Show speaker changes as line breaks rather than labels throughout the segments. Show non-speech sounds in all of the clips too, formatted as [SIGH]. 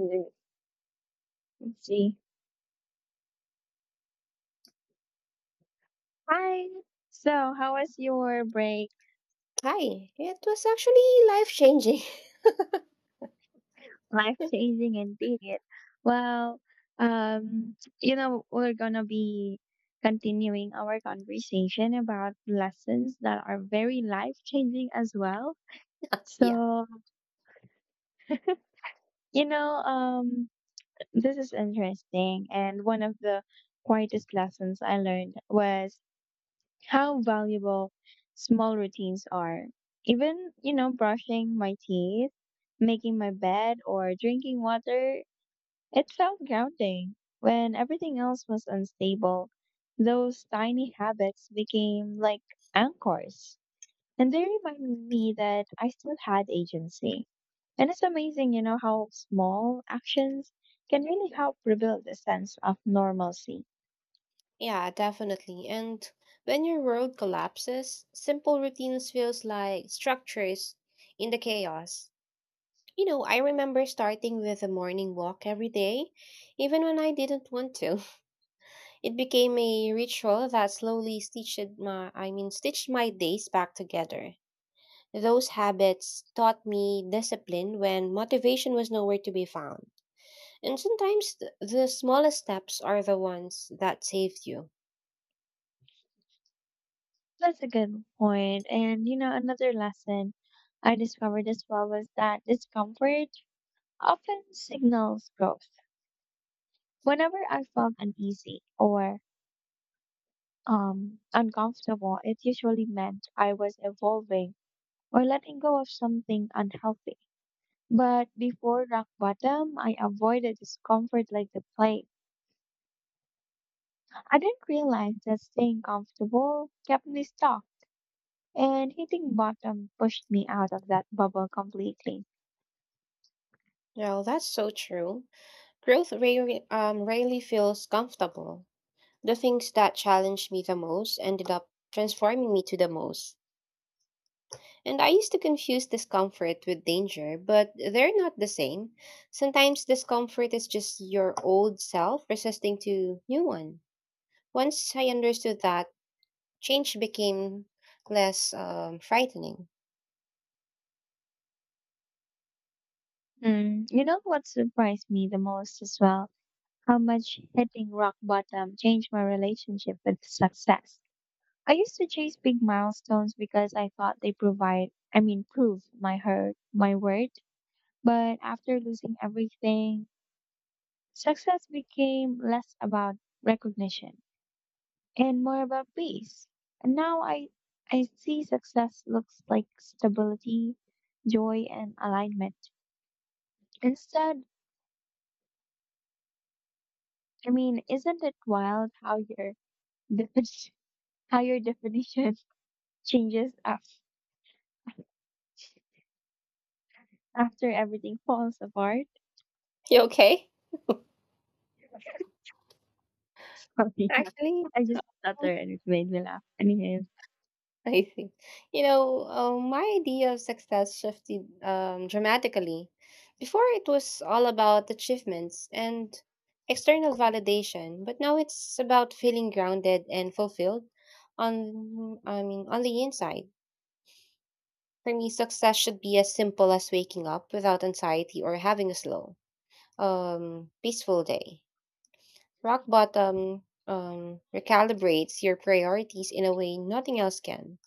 Let's see. Hi. So, how was your break?
Hi, it was actually life changing.
Life
[LAUGHS]
changing indeed. Well, um, we're gonna be continuing our conversation about lessons that are very life changing as well.
Yeah,
So, you know, um, this is interesting. And one of the quietest lessons I learned was how valuable small routines are. Even, brushing my teeth, making my bed, or drinking water, it felt grounding. When everything else was unstable, those tiny habits became like anchors. And they reminded me that I still had agency. And it's amazing, how small actions can really help rebuild a sense of normalcy.
yeah, definitely. And when your world collapses, simple routines feels like structures in the chaos. You know, I remember starting with a morning walk every day, even when I didn't want to. It became a ritual that slowly stitched my, I mean, stitched my days back together. Those habits taught me discipline when motivation was nowhere to be found. And sometimes the smallest steps are the ones that saved you.
That's a good point. And another lesson I discovered as well was that discomfort often signals growth. Whenever I felt uneasy or uncomfortable, it usually meant I was evolving or letting go of something unhealthy. But before rock bottom, I avoided discomfort like the plague. I didn't realize that staying comfortable kept me stuck, and hitting bottom pushed me out of that bubble completely.
Well, that's so true. Growth rarely feels comfortable. The things that challenged me the most ended up transforming me to the most. And I used to confuse discomfort with danger, but they're not the same. Sometimes discomfort is just your old self resisting to new one. Once I understood that, change became less frightening.
Mm, you know what surprised me the most as well? How much hitting rock bottom changed my relationship with success. I used to chase big milestones because I thought they provide, I mean, prove my hurt, my worth. But after losing everything, success became less about recognition and more about peace. And now I see success looks like stability, joy, and alignment. Instead, I mean, isn't it wild how your definition, [LAUGHS] how your definition [LAUGHS] changes after everything falls apart?
You okay?
[LAUGHS] Sorry, yeah.
Actually,
I just stuttered and it made me laugh. Anyways,
[LAUGHS] I see. You know, my idea of success shifted dramatically. Before, it was all about achievements and external validation, but now it's about feeling grounded and fulfilled on, on the inside. For me, success should be as simple as waking up without anxiety or having a slow, peaceful day. Rock bottom recalibrates your priorities in a way nothing else can.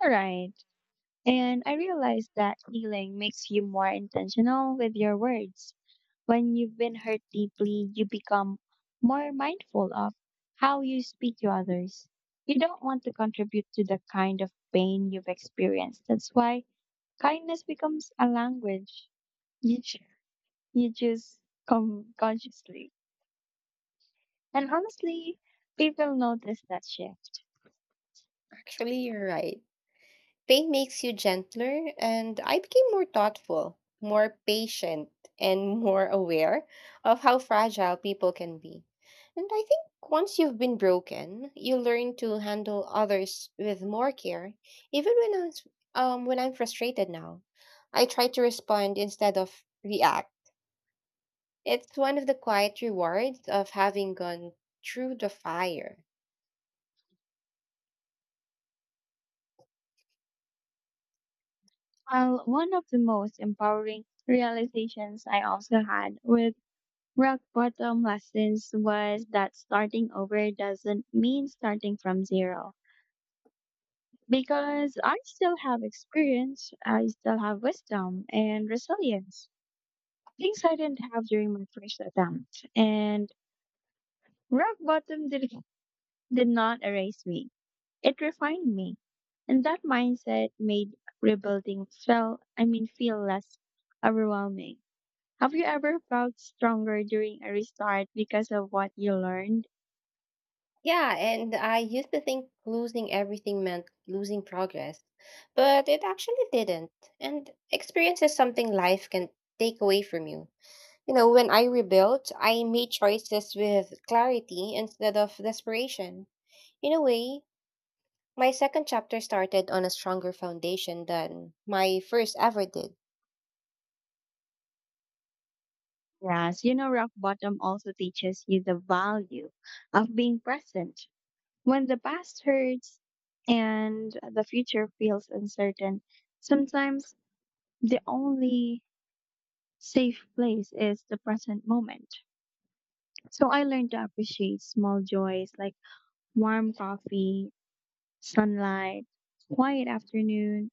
all right. And I realized that healing makes you more intentional with your words. When you've been hurt deeply, you become more mindful of how you speak to others. You don't want to contribute to the kind of pain you've experienced. That's why kindness becomes a language you ch- you choose consciously and honestly, people notice that shift.
Actually, you're right. Pain makes you gentler, and I became more thoughtful, more patient, and [LAUGHS] more aware of how fragile people can be. And I think once you've been broken, you learn to handle others with more care, even when I'm, when I'm frustrated now. I try to respond instead of react. It's one of the quiet rewards of having gone through the fire.
While one of the most empowering realizations I also had with rock bottom lessons was that starting over doesn't mean starting from zero, because I still have experience, I still have wisdom and resilience, things I didn't have during my first attempt. And rock bottom did not erase me. It refined me, and that mindset made rebuilding feel, I mean, feel less overwhelming. Have you ever felt stronger during a restart because of what you learned?
Yeah, and I used to think losing everything meant losing progress, but it actually didn't. And experience is something life can take away from you. You know, when I rebuilt, I made choices with clarity instead of desperation. In a way, my second chapter started on a stronger foundation than my first ever did.
Yes, rock bottom also teaches you the value of being present. When the past hurts and the future feels uncertain, sometimes the only safe place is the present moment. So I learned to appreciate small joys like warm coffee, sunlight, quiet afternoon,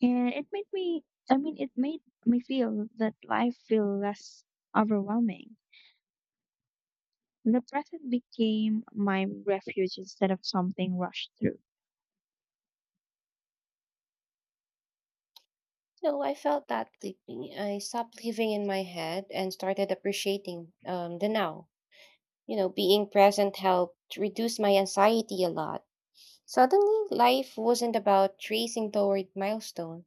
and it made me feel that life feel less overwhelming. The present became my refuge instead of something rushed through.
No, I felt that deeply. I stopped living in my head and started appreciating the now. You know, being present helped reduce my anxiety a lot. Suddenly, life wasn't about tracing toward milestone.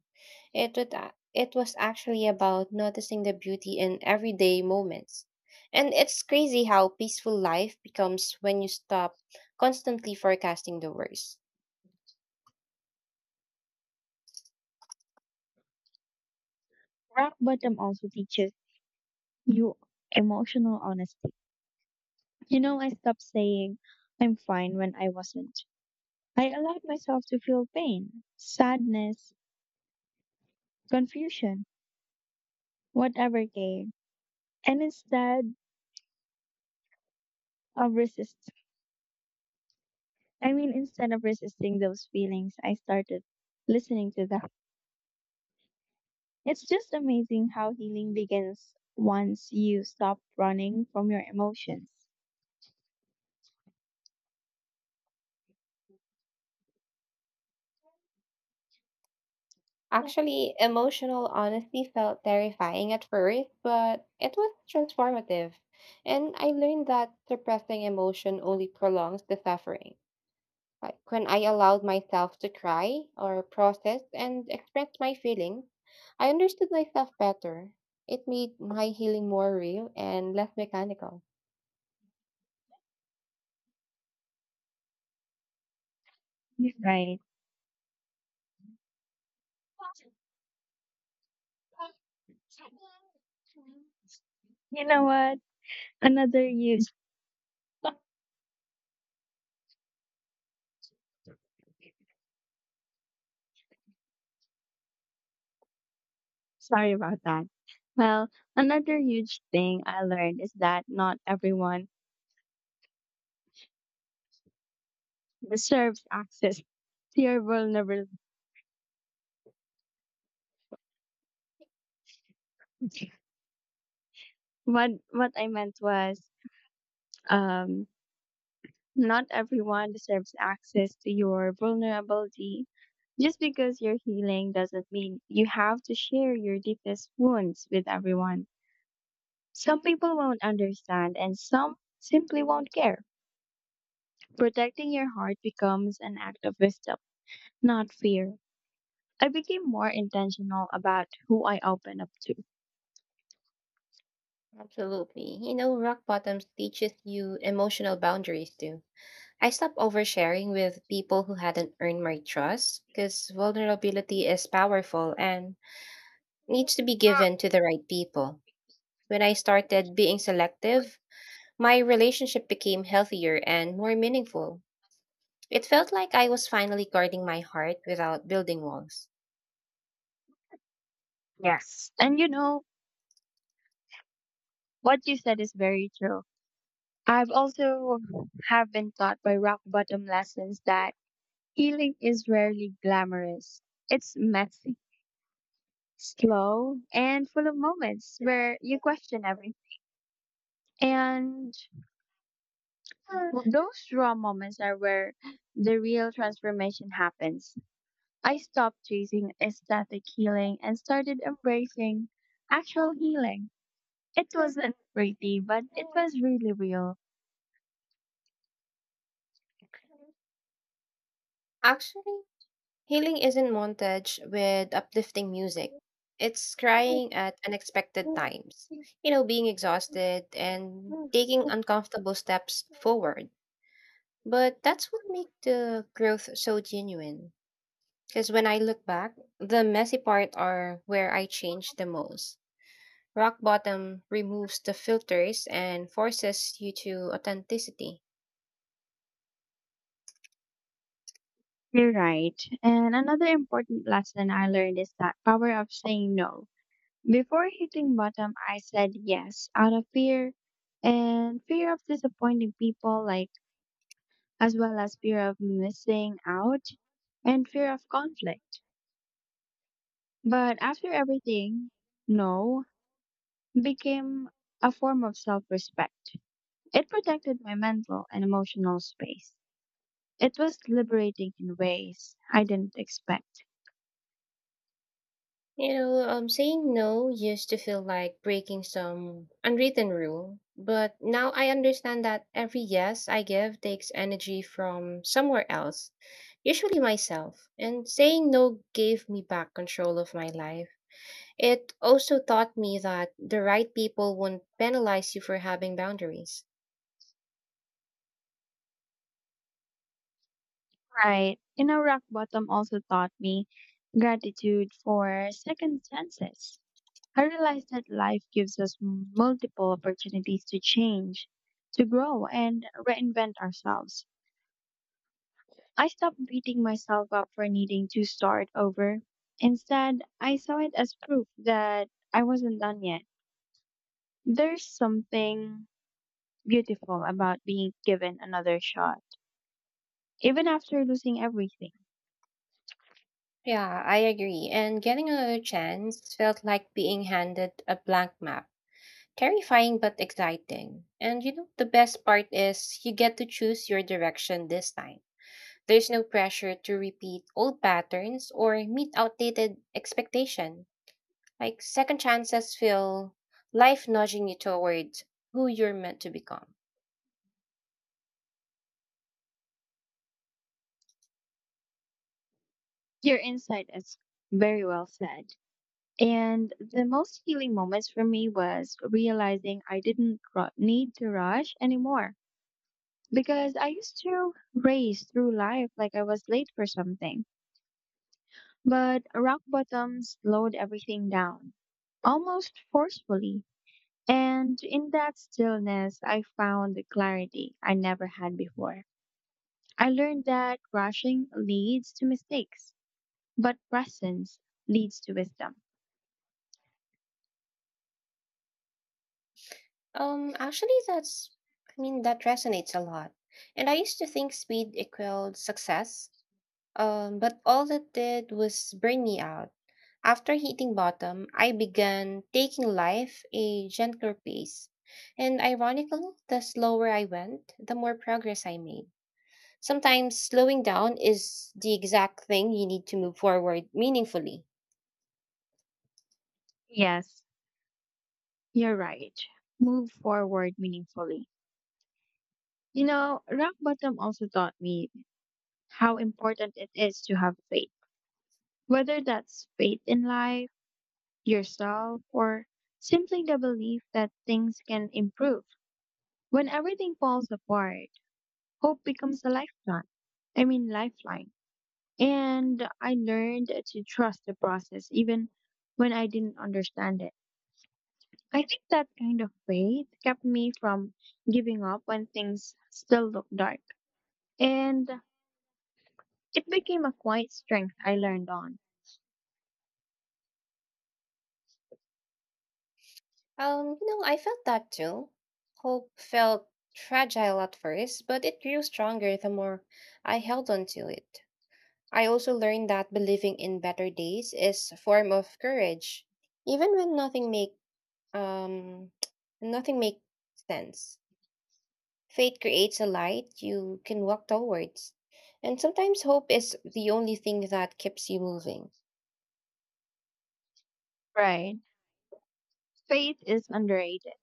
It was actually about noticing the beauty in everyday moments. And it's crazy how peaceful life becomes when you stop constantly forecasting the worst.
Rock bottom also teaches you emotional honesty. I stopped saying I'm fine when I wasn't. I allowed myself to feel pain, sadness, confusion, whatever came, and instead of resisting. I mean, instead of resisting those feelings, I started listening to them. It's just amazing how healing begins once you stop running from your emotions.
Actually, emotional honesty felt terrifying at first, but it was transformative. And I learned that suppressing emotion only prolongs the suffering. Like when I allowed myself to cry or process and express my feelings, I understood myself better. It made my healing more real and less mechanical.
You Right. You know what? Another huge, Sorry about that. Well, another huge thing I learned is that not everyone deserves access [LAUGHS] to your vulnerability. What I meant was, um, not everyone deserves access to your vulnerability. Just because you're healing doesn't mean you have to share your deepest wounds with everyone. Some people won't understand and some simply won't care. Protecting your heart becomes an act of wisdom, not fear. I became more intentional about who I open up to.
Absolutely. You know, rock bottoms teaches you emotional boundaries too. I stopped oversharing with people who hadn't earned my trust because vulnerability is powerful and needs to be given to the right people. When I started being selective, my relationship became healthier and more meaningful. It felt like I was finally guarding my heart without building walls.
Yes. And what you said is very true. I've also have been taught by rock bottom lessons that healing is rarely glamorous. It's messy, slow, and full of moments where you question everything. And those raw moments are where the real transformation happens. I stopped chasing aesthetic healing and started embracing actual healing. It wasn't pretty, but it was really real.
Actually, healing isn't montage with uplifting music. It's crying at unexpected times. You know, being exhausted and taking uncomfortable steps forward. But that's what makes the growth so genuine. Because when I look back, the messy part are where I changed the most. Rock bottom removes the filters and forces you to authenticity.
You're right. And another important lesson I learned is that power of saying no. Before hitting bottom, I said yes out of fear and fear of disappointing people, like as well as fear of missing out and fear of conflict. But after everything, no became a form of self respect. It protected my mental and emotional space. It was liberating in ways I didn't expect.
You know, saying no used to feel like breaking some unwritten rule, but now I understand that every yes I give takes energy from somewhere else, usually myself. And saying no gave me back control of my life. It also taught me that the right people won't penalize you for having boundaries.
Right. Rock bottom also taught me gratitude for second chances. I realized that life gives us multiple opportunities to change, to grow, and reinvent ourselves. I stopped beating myself up for needing to start over. Instead, I saw it as proof that I wasn't done yet. There's something beautiful about being given another shot, even after losing everything.
Yeah, I agree. And getting another chance felt like being handed a blank map. Terrifying but exciting. And you know, the best part is you get to choose your direction this time. There's no pressure to repeat old patterns or meet outdated expectation. Like second chances feel life nudging you towards who you're meant to become.
Your insight is very well said. And the most healing moments for me was realizing I didn't need to rush anymore, because I used to race through life like I was late for something. But rock bottom slowed everything down, almost forcefully. And in that stillness, I found the clarity I never had before. I learned that rushing leads to mistakes, but presence leads to wisdom.
Actually that's I mean, that resonates a lot. And I used to think speed equaled success. But all that did was burn me out. After hitting bottom, I began taking life a gentler pace. And ironically, the slower I went, the more progress I made. Sometimes slowing down is the exact thing you need to move forward meaningfully.
Yes, you're right. Move forward meaningfully. Rock bottom also taught me how important it is to have faith. Whether that's faith in life, yourself, or simply the belief that things can improve. When everything falls apart, hope becomes a lifeline. And I learned to trust the process even when I didn't understand it. I think that kind of faith kept me from giving up when things still look dark. And it became a quiet strength I learned on.
You know, I felt that too. Hope felt fragile at first, but it grew stronger the more I held on to it. I also learned that believing in better days is a form of courage, even when nothing make um [TSK] nothing makes sense. Faith creates a light you can walk towards, and sometimes hope is the only thing that keeps you moving.
Right. Faith is underrated.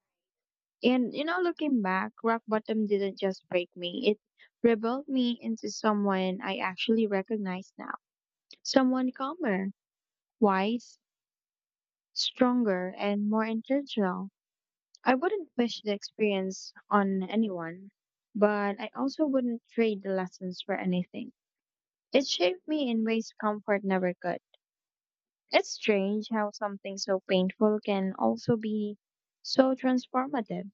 And looking back, rock bottom didn't just break me, it rebuilt me into someone I actually recognize now. Someone calmer, wise, stronger, and more intentional. I wouldn't wish the experience on anyone, but I also wouldn't trade the lessons for anything. It shaped me in ways comfort never could. It's strange how something so painful can also be so transformative.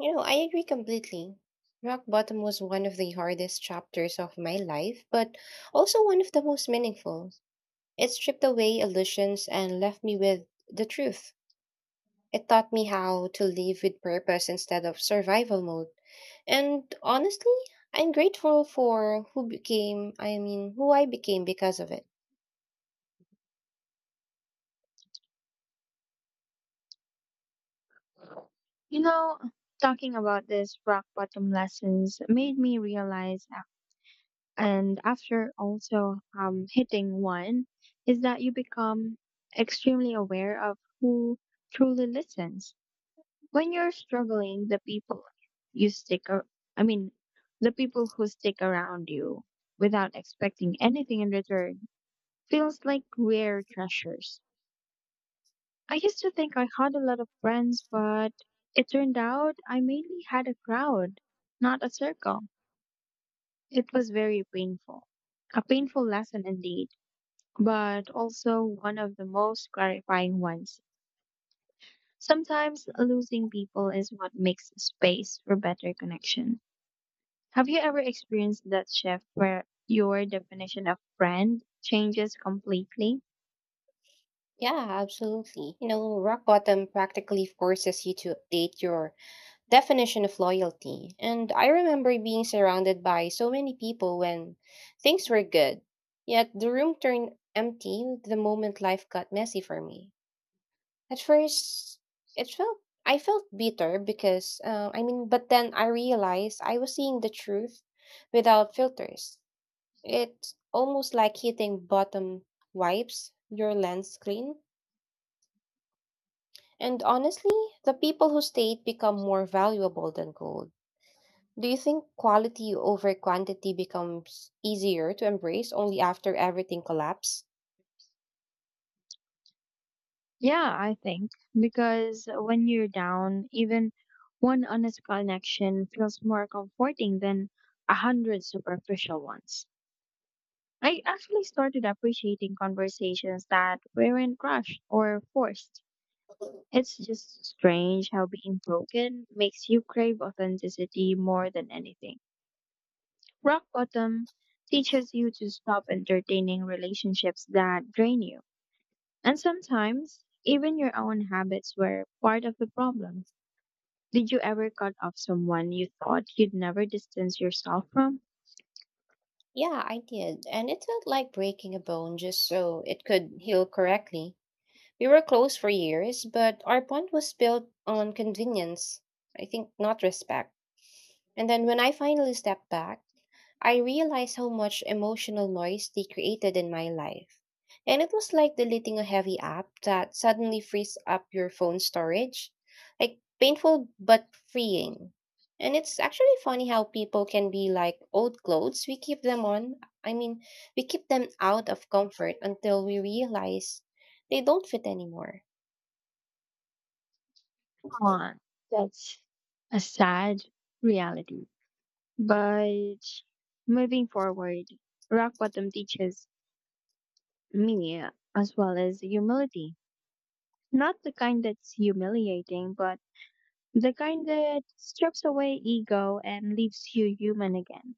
You know, I agree completely. Rock bottom was one of the hardest chapters of my life, but also one of the most meaningful. It stripped away illusions and left me with the truth. It taught me how to live with purpose instead of survival mode. And honestly, I'm grateful for who became, who I became because of it.
You know, talking about this rock bottom lessons made me realize, and after also hitting one, is that you become extremely aware of who truly listens. When you're struggling, the people you stick, ar- I mean, the people who stick around you without expecting anything in return feels like rare treasures. I used to think I had a lot of friends, but it turned out I mainly had a crowd, not a circle. It was very painful. A painful lesson indeed, but also one of the most clarifying ones. Sometimes losing people is what makes space for better connection. Have you ever experienced that shift where your definition of friend changes completely?
Yeah, absolutely. You know, rock bottom practically forces you to update your definition of loyalty. And I remember being surrounded by so many people when things were good. Yet the room turned empty the moment life got messy for me. At first, it felt I felt bitter because, but then I realized I was seeing the truth without filters. It's almost like hitting bottom wipes your lens clean. And honestly, the people who stayed become more valuable than gold. Do you think quality over quantity becomes easier to embrace only after everything collapsed?
Yeah, I think because when you're down, even one honest connection feels more comforting than a hundred superficial ones. I actually started appreciating conversations that weren't rushed or forced. It's just strange how being broken makes you crave authenticity more than anything. Rock bottom teaches you to stop entertaining relationships that drain you. And sometimes, even your own habits were part of the problem. Did you ever cut off someone you thought you'd never distance yourself from?
Yeah, I did. And it felt like breaking a bone just so it could heal correctly. We were close for years, but our bond was built on convenience, I think, not respect. And then when I finally stepped back, I realized how much emotional noise they created in my life. And it was like deleting a heavy app that suddenly frees up your phone storage. Like painful but freeing. And it's actually funny how people can be like old clothes. We keep them on. I mean, we keep them out of comfort until we realize they don't fit anymore.
Come on, that's a sad reality. But moving forward, rock bottom teaches me as well as humility. Not the kind that's humiliating, but the kind that strips away ego and leaves you human again.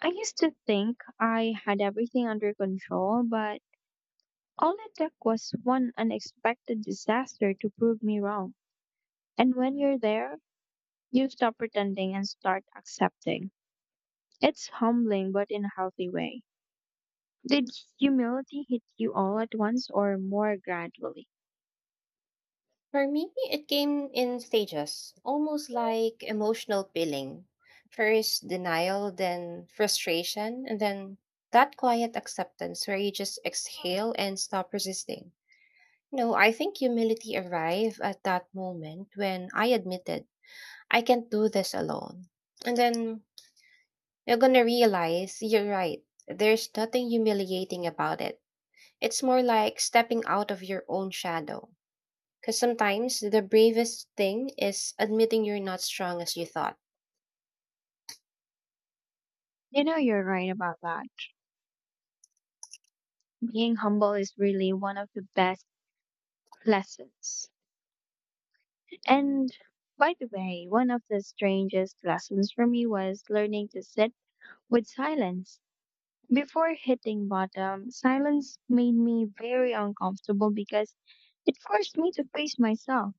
I used to think I had everything under control, but all it took was one unexpected disaster to prove me wrong. And when you're there, you stop pretending and start accepting. It's humbling, but in a healthy way. Did humility hit you all at once or more gradually?
For me, it came in stages, almost like emotional peeling. First denial, then frustration, and then that quiet acceptance where you just exhale and stop resisting. No, I think humility arrived at that moment when I admitted I can't do this alone. And then you're gonna realize you're right. There's nothing humiliating about it. It's more like stepping out of your own shadow. Because sometimes the bravest thing is admitting you're not strong as you thought.
You're right about that. Being humble is really one of the best lessons. And by the way, one of the strangest lessons for me was learning to sit with silence. Before hitting bottom, silence made me very uncomfortable because it forced me to face myself.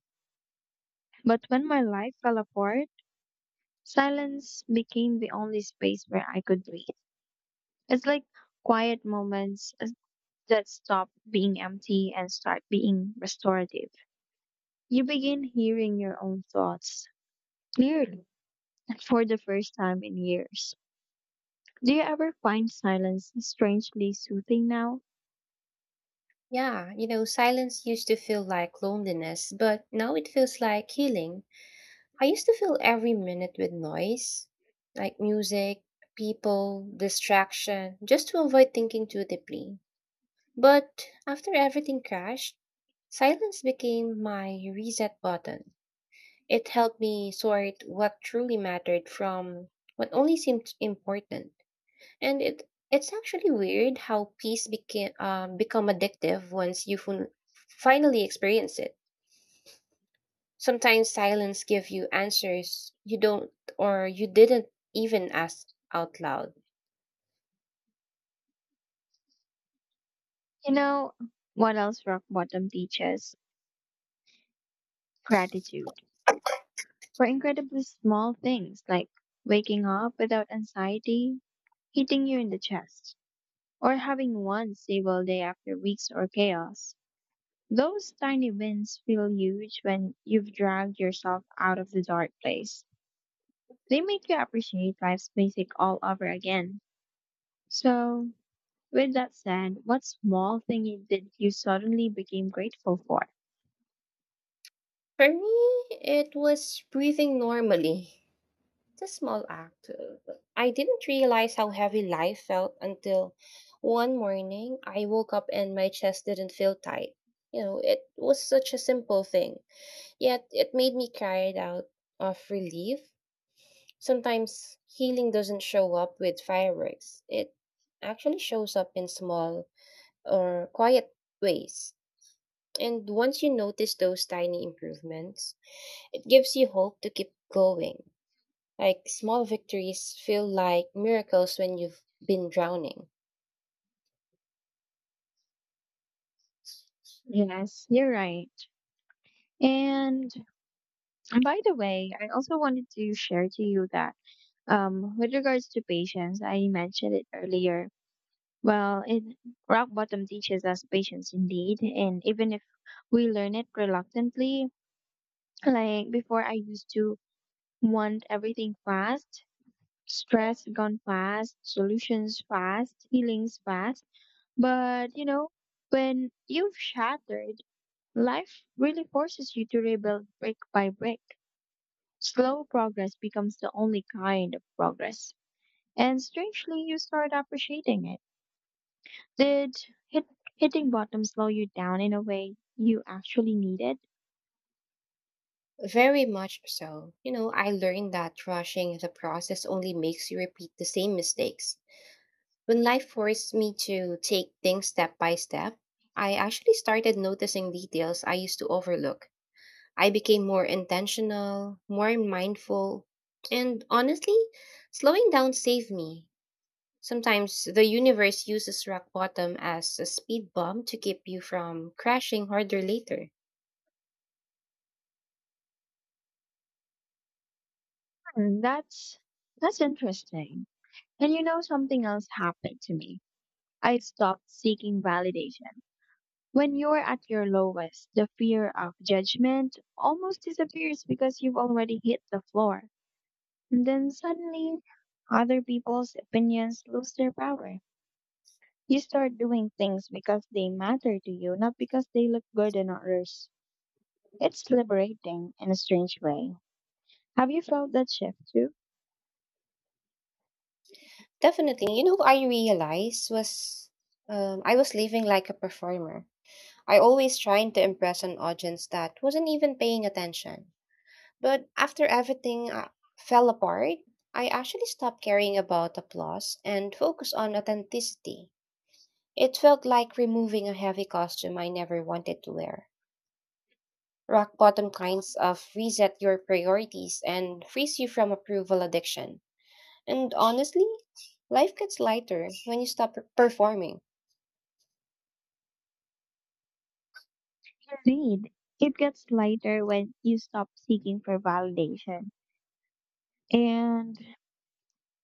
But when my life fell apart, silence became the only space where I could breathe. It's like quiet moments that stop being empty and start being restorative. You begin hearing your own thoughts clearly for the first time in years. Do you ever find silence strangely soothing now?
Yeah, you know, silence used to feel like loneliness, but now it feels like healing. I used to fill every minute with noise, like music, people, distraction, just to avoid thinking too deeply. But after everything crashed, silence became my reset button. It helped me sort what truly mattered from what only seemed important. And it's actually weird how peace became become addictive once you finally experience it. Sometimes silence give you answers you don't or you didn't even ask out loud.
You know what else rock bottom teaches? Gratitude for incredibly small things like waking up without anxiety, hitting you in the chest, or having one stable day after weeks or chaos. Those tiny wins feel huge when you've dragged yourself out of the dark place. They make you appreciate life's basic all over again. So, with that said, what small thing you did you suddenly became grateful for?
For me, it was breathing normally. It's a small act. I didn't realize how heavy life felt until one morning I woke up and my chest didn't feel tight. You know, it was such a simple thing, yet it made me cry it out of relief. Sometimes healing doesn't show up with fireworks, it actually shows up in small or quiet ways. And once you notice those tiny improvements, it gives you hope to keep going. Like small victories feel like miracles when you've been drowning.
Yes, you're right. And by the way, I also wanted to share to you that, with regards to patience, I mentioned it earlier. Well, it, rock bottom teaches us patience indeed, and even if we learn it reluctantly, like before, I used to want everything fast, stress gone fast, solutions fast, healings fast. But when you've shattered, life really forces you to rebuild brick by brick. Slow progress becomes the only kind of progress. And strangely, you start appreciating it. Did hit, hitting bottom slow you down in a way you actually needed?
Very much so. You know, I learned that rushing the process only makes you repeat the same mistakes. When life forced me to take things step by step, I actually started noticing details I used to overlook. I became more intentional, more mindful, and honestly, slowing down saved me. Sometimes the universe uses rock bottom as a speed bump to keep you from crashing harder later.
Hmm, that's that's interesting. And you know something else happened to me. I stopped seeking validation. When you're at your lowest, the fear of judgment almost disappears because you've already hit the floor. And then suddenly, other people's opinions lose their power. You start doing things because they matter to you, not because they look good on others. It's liberating in a strange way. Have you felt that shift too?
Definitely. You know, what I realized was I was living like a performer. I always trying to impress an audience that wasn't even paying attention. But after everything fell apart, I actually stopped caring about applause and focused on authenticity. It felt like removing a heavy costume I never wanted to wear. Rock bottom kinds of reset your priorities and frees you from approval addiction. And honestly, life gets lighter when you stop performing.
Indeed, it gets lighter when you stop seeking for validation. And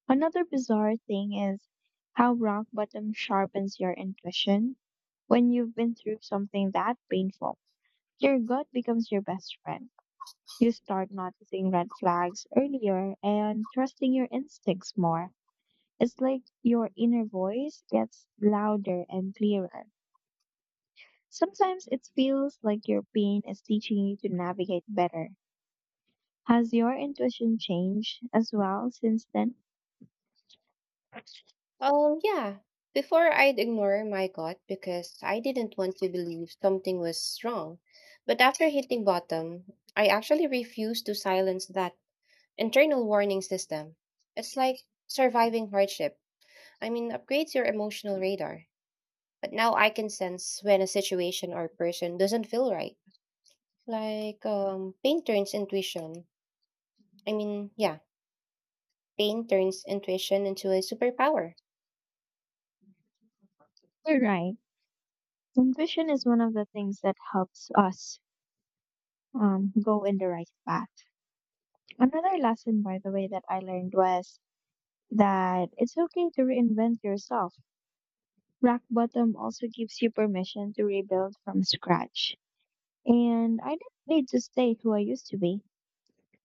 another bizarre thing is how rock bottom sharpens your intuition. When you've been through something that painful, your gut becomes your best friend. You start noticing red flags earlier and trusting your instincts more. It's like your inner voice gets louder and clearer. Sometimes it feels like your pain is teaching you to navigate better. Has your intuition changed as well since then?
Yeah. Before I'd ignore my gut because I didn't want to believe something was wrong. But after hitting bottom, I actually refused to silence that internal warning system. It's like surviving hardship. I mean, upgrades your emotional radar. But now I can sense when a situation or person doesn't feel right. Like pain turns intuition. I mean, yeah, pain turns intuition into a superpower.
You're right. Intuition is one of the things that helps us go in the right path. Another lesson, by the way, that I learned was that it's okay to reinvent yourself. Rock bottom also gives you permission to rebuild from scratch. And I didn't need to stay who I used to be.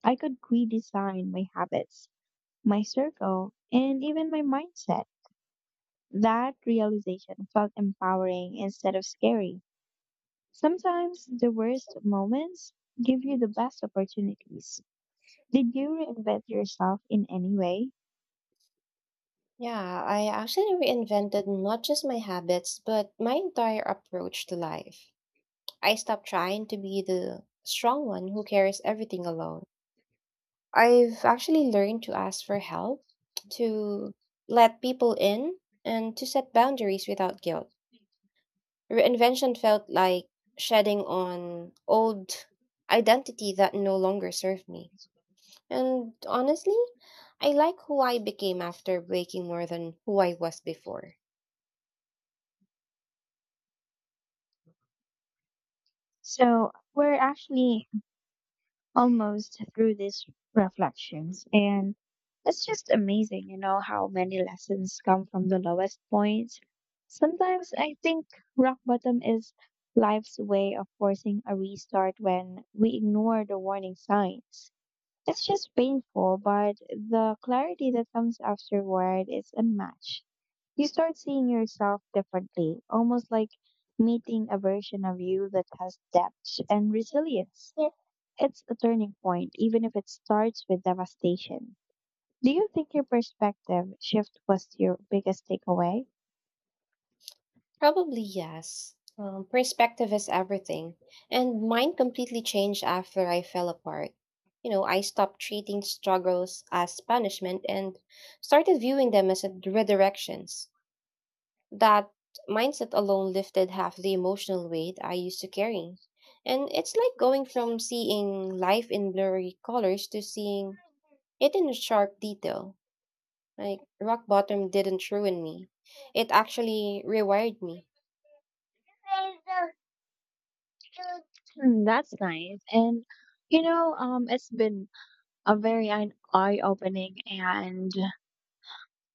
I could redesign my habits, my circle, and even my mindset. That realization felt empowering instead of scary. Sometimes the worst moments give you the best opportunities. Did you reinvent yourself in any way?
Yeah, I actually reinvented not just my habits, but my entire approach to life. I stopped trying to be the strong one who carries everything alone. I've actually learned to ask for help, to let people in, and to set boundaries without guilt. Reinvention felt like shedding on old identity that no longer served me. And honestly, I like who I became after breaking more than who I was before.
So, we're actually almost through these reflections. And it's just amazing, how many lessons come from the lowest points. Sometimes I think rock bottom is life's way of forcing a restart when we ignore the warning signs. It's just painful, but the clarity that comes afterward is unmatched. You start seeing yourself differently, almost like meeting a version of you that has depth and resilience. Yeah. It's a turning point, even if it starts with devastation. Do you think your perspective shift was your biggest takeaway?
Probably yes. Perspective is everything. And mine completely changed after I fell apart. You know, I stopped treating struggles as punishment and started viewing them as a redirections. That mindset alone lifted half the emotional weight I used to carry. And it's like going from seeing life in blurry colors to seeing it in sharp detail. Like rock bottom didn't ruin me. It actually rewired me.
That's nice. And it's been a very eye opening, and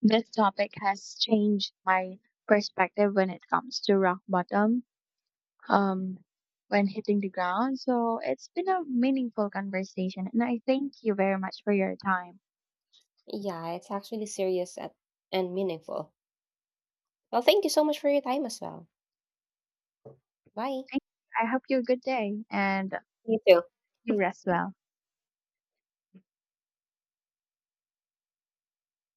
this topic has changed my perspective when it comes to rock bottom, um, when hitting the ground. So it's been a meaningful conversation, and I thank you very much for your time.
Yeah, it's actually serious at, and meaningful. Well, thank you so much for your time as well. Bye.
Thank you. I hope you have a good day and
You too.
you rest well.